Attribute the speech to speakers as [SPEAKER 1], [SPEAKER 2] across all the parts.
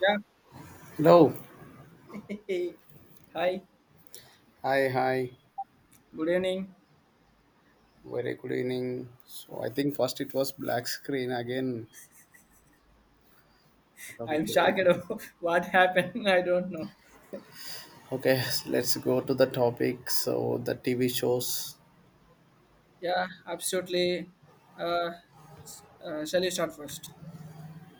[SPEAKER 1] Yeah.
[SPEAKER 2] Hello.
[SPEAKER 1] Hey. Hi.
[SPEAKER 2] Hi, hi.
[SPEAKER 1] Good evening.
[SPEAKER 2] Very good evening. So I think first it was black screen again. I thought
[SPEAKER 1] I'm
[SPEAKER 2] it will end
[SPEAKER 1] shocked
[SPEAKER 2] up.
[SPEAKER 1] of what happened? I don't know.
[SPEAKER 2] Okay, so let's go to the topic. So the TV shows.
[SPEAKER 1] Yeah, absolutely. Uh, Shall you start first?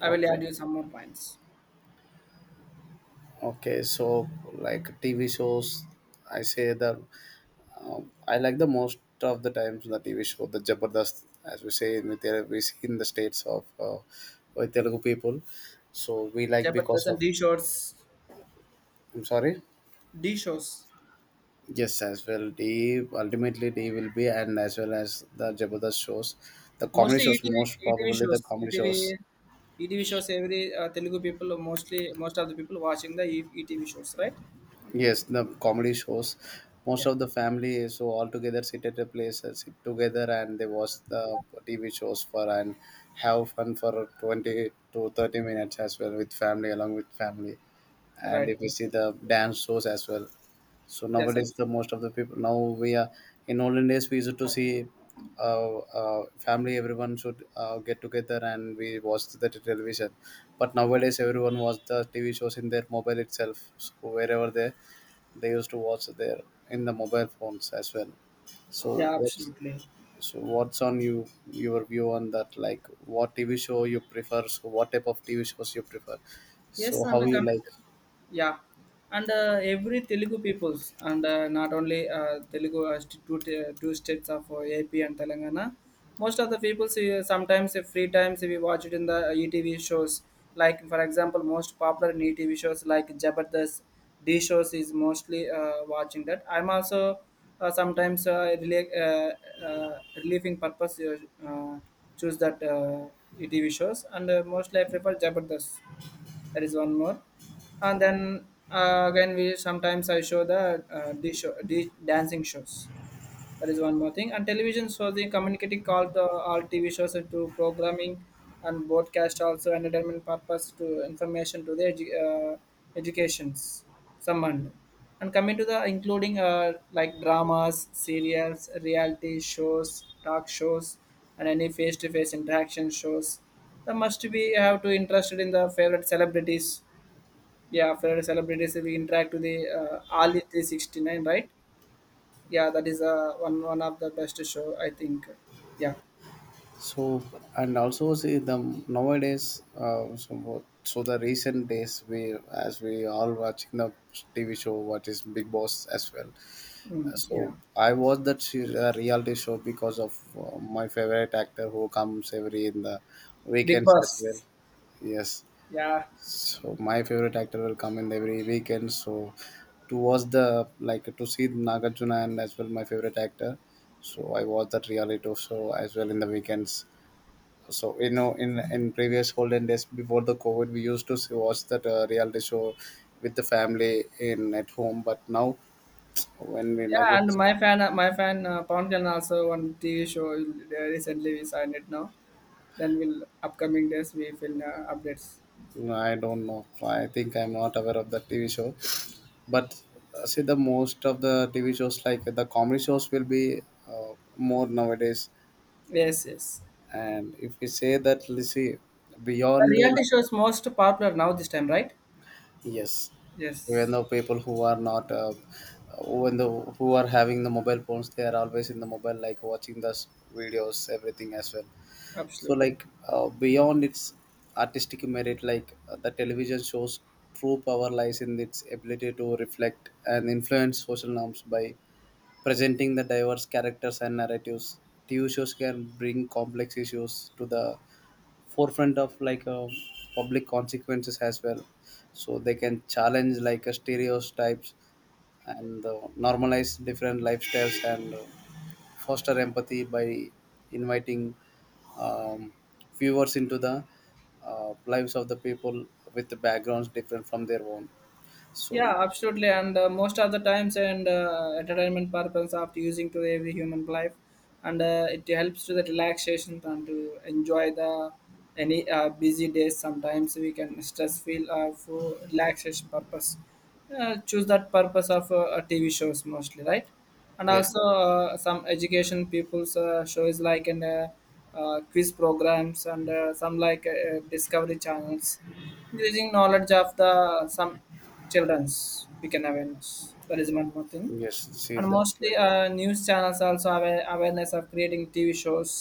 [SPEAKER 1] I will add
[SPEAKER 2] Okay.
[SPEAKER 1] you some more points.
[SPEAKER 2] Okay, so like TV shows, I say the I like the most of the times the TV show the Jabardast, as we see in the states of with Telugu people. So we like
[SPEAKER 1] Yeah, but
[SPEAKER 2] because
[SPEAKER 1] listen,
[SPEAKER 2] of.
[SPEAKER 1] D shows,
[SPEAKER 2] I'm sorry.
[SPEAKER 1] D shows,
[SPEAKER 2] Yes, as well. They will be, and as well as the Jabardast shows, the comedy
[SPEAKER 1] mostly E
[SPEAKER 2] shows
[SPEAKER 1] T V.
[SPEAKER 2] most
[SPEAKER 1] ETV
[SPEAKER 2] probably the
[SPEAKER 1] shows, E
[SPEAKER 2] comedy
[SPEAKER 1] T
[SPEAKER 2] shows.
[SPEAKER 1] V. ETV shows. Every Telugu people, mostly most of the people watching the ETV shows, right?
[SPEAKER 2] Yes, the comedy shows. Most
[SPEAKER 1] Yeah,
[SPEAKER 2] of the family is so all together sit at a place, sit together, and they watch the TV shows for and have fun for 20 to 30 minutes as well with family along with family. And if you
[SPEAKER 1] right.
[SPEAKER 2] see the dance shows as well. So
[SPEAKER 1] Yes,
[SPEAKER 2] nowadays,
[SPEAKER 1] abs-
[SPEAKER 2] the most of the people now we are in olden days we used to see, family, everyone should get together and we watch the television. But nowadays everyone watch the TV shows in their mobile itself. So wherever they used to watch their in the mobile phones as well. So
[SPEAKER 1] yeah,
[SPEAKER 2] what's
[SPEAKER 1] absolutely.
[SPEAKER 2] so what's on you your view on that? Like what TV show you prefer? So what type of TV shows you prefer?
[SPEAKER 1] Yes,
[SPEAKER 2] So
[SPEAKER 1] and
[SPEAKER 2] how you
[SPEAKER 1] coming
[SPEAKER 2] like?
[SPEAKER 1] to yeah, and every Telugu peoples and not only Telugu two states of AP and Telangana. Most of the peoples sometimes free times we watch it in the ETV shows. Like for example, most popular in ETV shows like Jabardast, D shows is mostly watching that. I'm also relieving purpose, uh, choose that ETV shows, and mostly I prefer Jabardast. That is one more. And then again, we sometimes I show the D show, D dancing shows. That is one more thing. And television shows, the communicating called the all TV shows into programming and broadcast also entertainment purpose, to information, to the educations. Someone, and coming to the including like dramas, serials, reality shows, talk shows, and any face-to-face interaction shows. That must be have to interested in the favorite celebrities. Yeah, favorite celebrities we interact with the all the 369, right? Yeah, that is one of the best show, I think. Yeah.
[SPEAKER 2] So and also see the nowadays so what- so the recent days we all watching the TV show what is Big Boss as well. So
[SPEAKER 1] Yeah.
[SPEAKER 2] I watched reality show because of my favorite actor who comes every in the
[SPEAKER 1] Big
[SPEAKER 2] weekends as well.
[SPEAKER 1] Boss.
[SPEAKER 2] Yes.
[SPEAKER 1] Yeah
[SPEAKER 2] So my favorite actor will come in every weekend. So to watch the like to see Nagarjuna and as well my favorite actor. So I watch that reality show as well in the weekends. So in previous golden days before the covid we used to watch that reality show with the family in at home, but now when we
[SPEAKER 1] yeah, and
[SPEAKER 2] migrate.
[SPEAKER 1] my fan Pawan Kalyan, also one TV show recently we signed it now. Then we'll upcoming days we will updates.
[SPEAKER 2] I don't know, I think I'm not aware of that TV show, but see, the most of the TV shows like the comedy shows will be more nowadays.
[SPEAKER 1] yes yes
[SPEAKER 2] And if we say that, let's see
[SPEAKER 1] the
[SPEAKER 2] beyond.
[SPEAKER 1] reality show is most popular now this time, right?
[SPEAKER 2] Yes,
[SPEAKER 1] Yes,
[SPEAKER 2] even though people who are not, when the who are having the mobile phones, they are always in the mobile, like watching videos, everything as well. So,
[SPEAKER 1] absolutely.
[SPEAKER 2] beyond its artistic merit, the television shows true power lies in its ability to reflect and influence social norms by presenting the diverse characters and narratives. TV shows can bring complex issues to the forefront of, public consequences as well. So they can challenge, stereotypes, and normalize different lifestyles, and foster empathy by inviting, um, viewers into the lives of the people with the backgrounds different from their own. So
[SPEAKER 1] Yeah,
[SPEAKER 2] like,
[SPEAKER 1] absolutely. And most of the times, and entertainment purpose after using to every human life, and it helps to the relaxation and to enjoy the any busy days. Sometimes we can stress feel for relaxation purpose. Choose that purpose of TV shows mostly, right? And
[SPEAKER 2] yes,
[SPEAKER 1] also some education people's shows like in quiz programs, and some like discovery channels, increasing knowledge of the some children's, we can awareness. That is one more thing.
[SPEAKER 2] yes.
[SPEAKER 1] And mostly news channels also have a awareness of creating TV shows.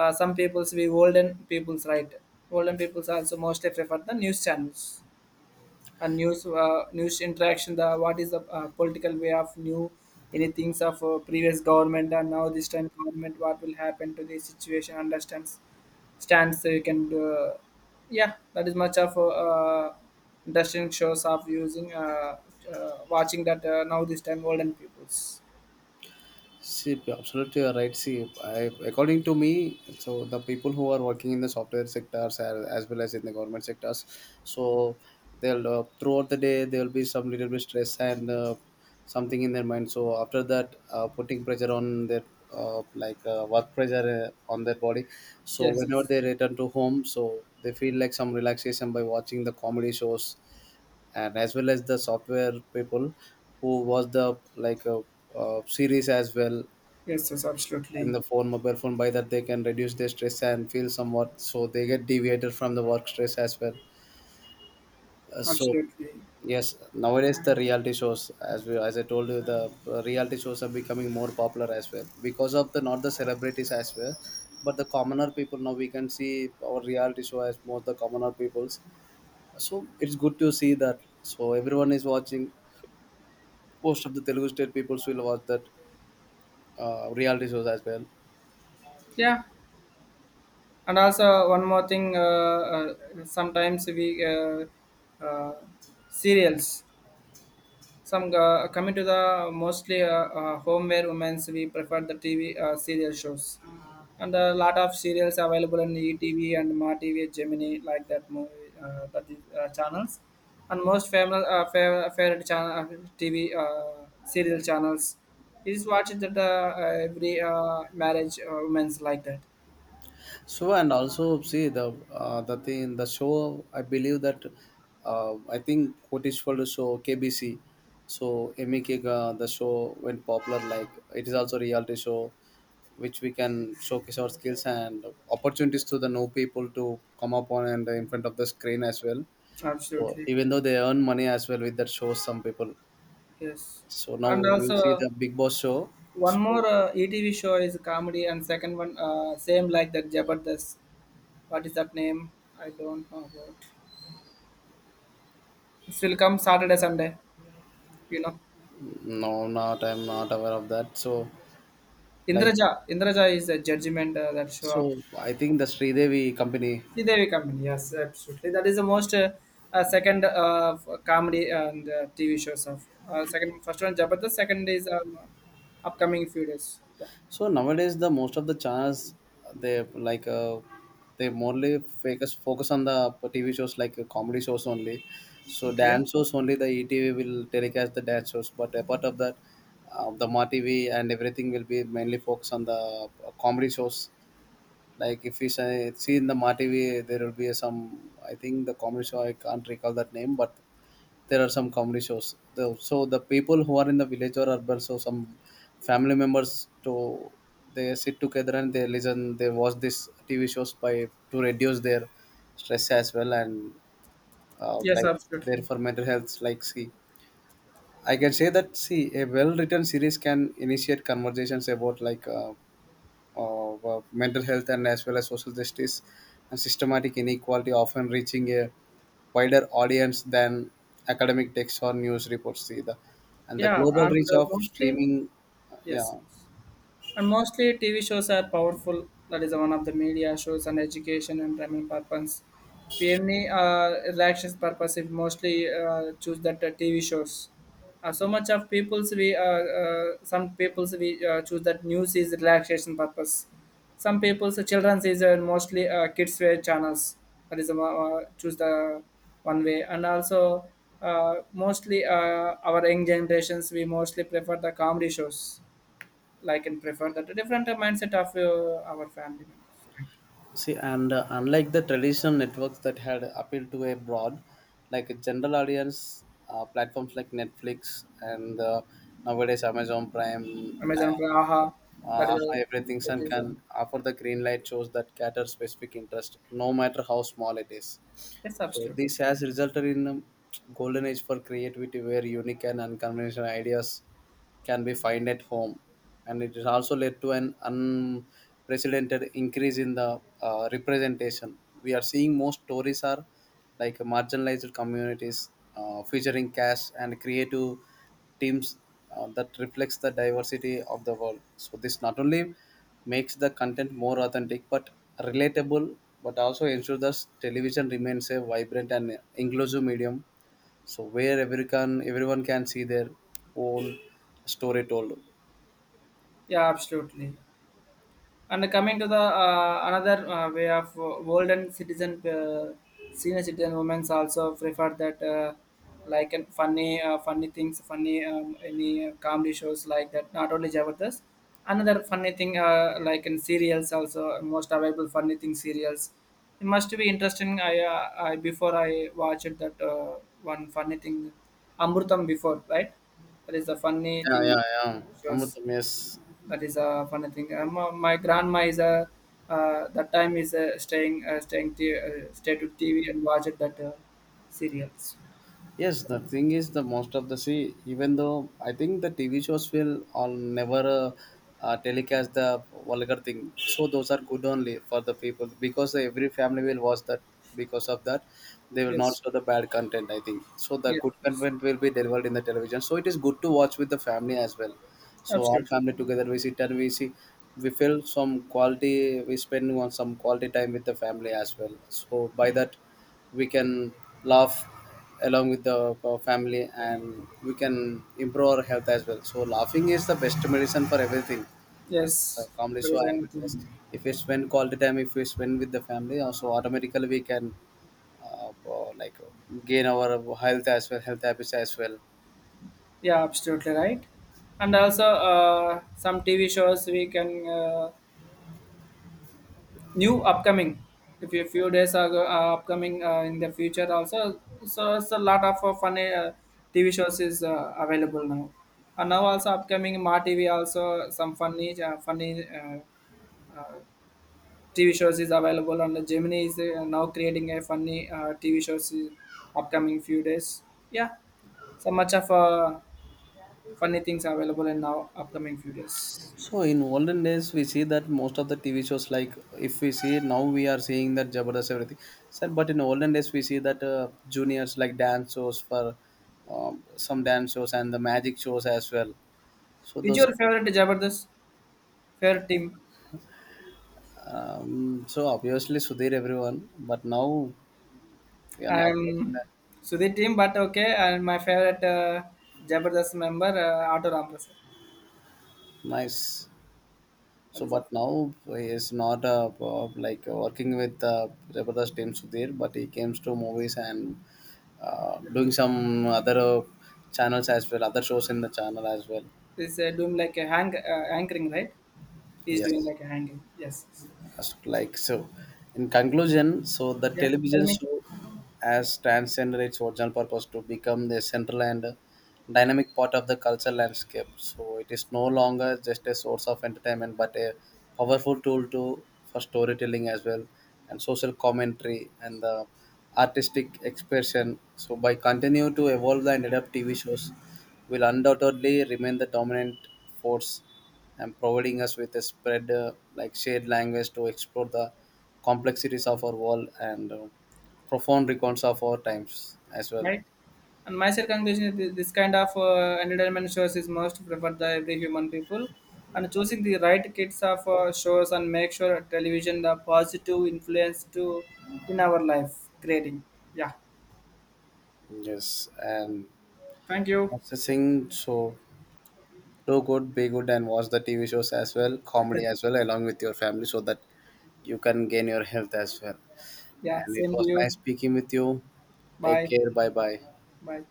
[SPEAKER 1] Some people's we olden people's, right? Olden people's also mostly prefer the news channels, and news interaction, the what is the political way of new, any things of previous government and now this time government, what will happen to the situation understands stands, so you can do. Yeah, that is much of interesting shows of using watching that now this time golden peoples.
[SPEAKER 2] See, absolutely you are right. See, I, according to me, so the people who are working in the software sectors, as well as in the government sectors, so they'll throughout the day there will be some little bit stress and something in their mind. So after that, putting pressure on their, work pressure on their body. So
[SPEAKER 1] yes
[SPEAKER 2] whenever
[SPEAKER 1] yes
[SPEAKER 2] they return to home, so they feel like some relaxation by watching the comedy shows, and as well as the software people who watch the, series as well,
[SPEAKER 1] yes
[SPEAKER 2] and
[SPEAKER 1] Absolutely.
[SPEAKER 2] the phone mobile phone. By that they can reduce their stress and feel somewhat, so they get deviated from the work stress as well. uh, so
[SPEAKER 1] Absolutely.
[SPEAKER 2] yes, nowadays the reality shows, as I told you, the reality shows are becoming more popular as well, because of, the not the celebrities as well, but the commoner people. Now we can see our reality show as most the commoner peoples. So it's good to see that. So everyone is watching, most of the Telugu state peoples will watch that reality shows as well.
[SPEAKER 1] Yeah, and also one more thing. Sometimes we uh, Serials. Some, coming to the mostly home where women's, we prefer the TV serial shows, and a lot of serials available on ETV and Ma TV, Gemini, like that movie that is channels, and most famous favorite channel, TV serial channels is watched that uh, every marriage women's like that.
[SPEAKER 2] So and also see the, the thing the show, I believe that, I think what is for the show KBC, so MEK, the show went popular. Like, it is also a reality show which we can showcase our skills and opportunities, to the new people to come up on and in front of the screen as well. So
[SPEAKER 1] Absolutely.
[SPEAKER 2] even though they earn money as well with that show, some people.
[SPEAKER 1] Yes,
[SPEAKER 2] So now
[SPEAKER 1] and
[SPEAKER 2] we see
[SPEAKER 1] also,
[SPEAKER 2] the Big Boss show.
[SPEAKER 1] one more
[SPEAKER 2] So
[SPEAKER 1] ETV show is comedy, and second one same like that, Jabardast. What is that name? I don't know about. It will come Saturday, Sunday. You know,
[SPEAKER 2] no, not I'm not aware of that. So like,
[SPEAKER 1] Indraja. Indraja is a judgment that show up.
[SPEAKER 2] so I think the Sridevi company.
[SPEAKER 1] Sridevi comedy. Yes, absolutely. That is the most second comedy and TV shows of second, first one Jabardast, second is upcoming few days. Yeah.
[SPEAKER 2] So nowadays, the most of the channels, they like uh, they mostly focus on the TV shows like, comedy shows only. So
[SPEAKER 1] Okay.
[SPEAKER 2] dance shows only the ETV will telecast the dance shows, but apart of that, the Ma TV and everything will be mainly focused on the comedy shows. Like, if you say, see in the Ma TV, there will be some, I think the comedy show, I can't recall that name, but there are some comedy shows. So the people who are in the village or urban, so some family members, to they sit together and they listen, they watch these TV shows by to reduce their stress as well, and
[SPEAKER 1] Yes,
[SPEAKER 2] like
[SPEAKER 1] absolutely.
[SPEAKER 2] their for mental health. Like, see, I can say that, see, a well written series can initiate conversations about, of, mental health, and as well as social justice and systematic inequality, often reaching a wider audience than academic texts or news reports either. And the
[SPEAKER 1] Yeah,
[SPEAKER 2] global
[SPEAKER 1] and
[SPEAKER 2] reach of
[SPEAKER 1] mostly
[SPEAKER 2] streaming, yeah.
[SPEAKER 1] yes. Yes. And mostly TV shows are powerful. That is one of the media shows and education and primary purpose. If any relaxation purpose, if mostly choose that TV shows. So much of people's we some people's we choose that news is relaxation purpose. Some people's, children's is mostly kids wear channels. That is choose the one way. And also mostly our young generations, we mostly prefer the comedy shows, like and prefer that different mindset of our family members, right?
[SPEAKER 2] See, and unlike the traditional networks that had appealed to a broad, like a general audience, platforms like Netflix, and nowadays Amazon Prime,
[SPEAKER 1] Amazon Praha,
[SPEAKER 2] and
[SPEAKER 1] that is, a,
[SPEAKER 2] everything
[SPEAKER 1] it is a,
[SPEAKER 2] can offer the green light shows that cater specific interest, no matter how small it is.
[SPEAKER 1] it's
[SPEAKER 2] So
[SPEAKER 1] absolute.
[SPEAKER 2] this has resulted in a golden age for creativity, where unique and unconventional ideas can be found at home. And it has also led to an unprecedented increase in the representation. We are seeing more stories are like marginalized communities, featuring cash and creative teams that reflects the diversity of the world. So this not only makes the content more authentic but relatable, but also ensures that television remains a vibrant and inclusive medium, so where everyone can see their own story told.
[SPEAKER 1] Yeah, absolutely. And coming to the another way of golden citizen, senior citizen women also prefer that like an funny, funny things, funny, any comedy shows like that. Not only jabardast. Another funny thing, like in serials also, most available funny thing serials. It must be interesting. I before I watched that one funny thing, Amrutam before, right. That is a funny
[SPEAKER 2] Yeah,
[SPEAKER 1] thing
[SPEAKER 2] yeah, yeah.
[SPEAKER 1] shows.
[SPEAKER 2] Amrutam, yes.
[SPEAKER 1] That is a funny thing. My grandma is a that time is stay to TV and watch it that serials.
[SPEAKER 2] Yes, the thing is, the most of the see, even though I think the TV shows will all never, telecast the vulgar thing, so those are good only for the people because every family will watch that. Because of that, they will not
[SPEAKER 1] Yes,
[SPEAKER 2] show the bad content, I think so. The
[SPEAKER 1] yes,
[SPEAKER 2] good
[SPEAKER 1] yes.
[SPEAKER 2] content will be delivered in the television, so it is good to watch with the family as well. So all
[SPEAKER 1] Absolutely.
[SPEAKER 2] family together we sit and we see, we feel some quality. We spend on some quality time with the family as well. So by that we can laugh along with the family, and we can improve our health as well. So laughing is the best medicine for everything, the
[SPEAKER 1] Yes,
[SPEAKER 2] comedy
[SPEAKER 1] there
[SPEAKER 2] show
[SPEAKER 1] is
[SPEAKER 2] and
[SPEAKER 1] one
[SPEAKER 2] wellness.
[SPEAKER 1] thing.
[SPEAKER 2] If we spend quality time, if we spend with the family, also automatically we can, uh, uh, like uh, gain our health habits as well.
[SPEAKER 1] Yeah, absolutely right. And also some TV shows we can. New upcoming, if a few days are upcoming in the future also, so it's a lot of funny TV shows is available now, and now also upcoming Ma TV also some funny uh, TV shows is available, and the Gemini is now creating a funny TV shows in upcoming few days. Yeah. So much of funny things available in now upcoming few days.
[SPEAKER 2] So in olden days, we see that most of the TV shows, like if we see now, we are seeing that Jabardast everything, sir, but in olden days, we see that juniors like dance shows for, some dance shows and the magic shows as well. So
[SPEAKER 1] Is
[SPEAKER 2] those,
[SPEAKER 1] your favorite jabardast favorite team?
[SPEAKER 2] so obviously Sudhir, everyone, but now we are not watching
[SPEAKER 1] I'm
[SPEAKER 2] that.
[SPEAKER 1] Sudhir team, but okay. And my favorite Jabardast member, Auto Ramprasad.
[SPEAKER 2] Nice.
[SPEAKER 1] That
[SPEAKER 2] So,
[SPEAKER 1] is all.
[SPEAKER 2] but now he is not, working with, Jabardast team Sudhir, but he came to movies and doing some other channels as well, other shows in the channel as well.
[SPEAKER 1] Is doing like a hang anchoring, right? He's doing
[SPEAKER 2] Yes.
[SPEAKER 1] like a hanging. Yes. Yes.
[SPEAKER 2] As- like so. In conclusion, so the
[SPEAKER 1] Yeah. Tell
[SPEAKER 2] television
[SPEAKER 1] me,
[SPEAKER 2] show has transcended its original purpose to become the central and dynamic part of the cultural landscape. So it is no longer just a source of entertainment, but a powerful tool to for storytelling as well, and social commentary and the artistic expression. So by continue to evolve and adapt, TV shows will undoubtedly remain the dominant force, and providing us with a spread like shared language to explore the complexities of our world and profound recounts of our times as well.
[SPEAKER 1] right? And my third conclusion is this kind of entertainment shows is most preferred by every human people. And choosing the right kids of shows and make sure television the positive influence to in our life creating. Yeah.
[SPEAKER 2] Yes, and
[SPEAKER 1] Thank you.
[SPEAKER 2] processing, so do good, be good, and watch the TV shows as well, comedy as well, along with your family, so that you can gain your health as well.
[SPEAKER 1] Yeah.
[SPEAKER 2] And it
[SPEAKER 1] Same to
[SPEAKER 2] was nice
[SPEAKER 1] you.
[SPEAKER 2] speaking with you. Take
[SPEAKER 1] Bye.
[SPEAKER 2] care. Bye bye.
[SPEAKER 1] Bye.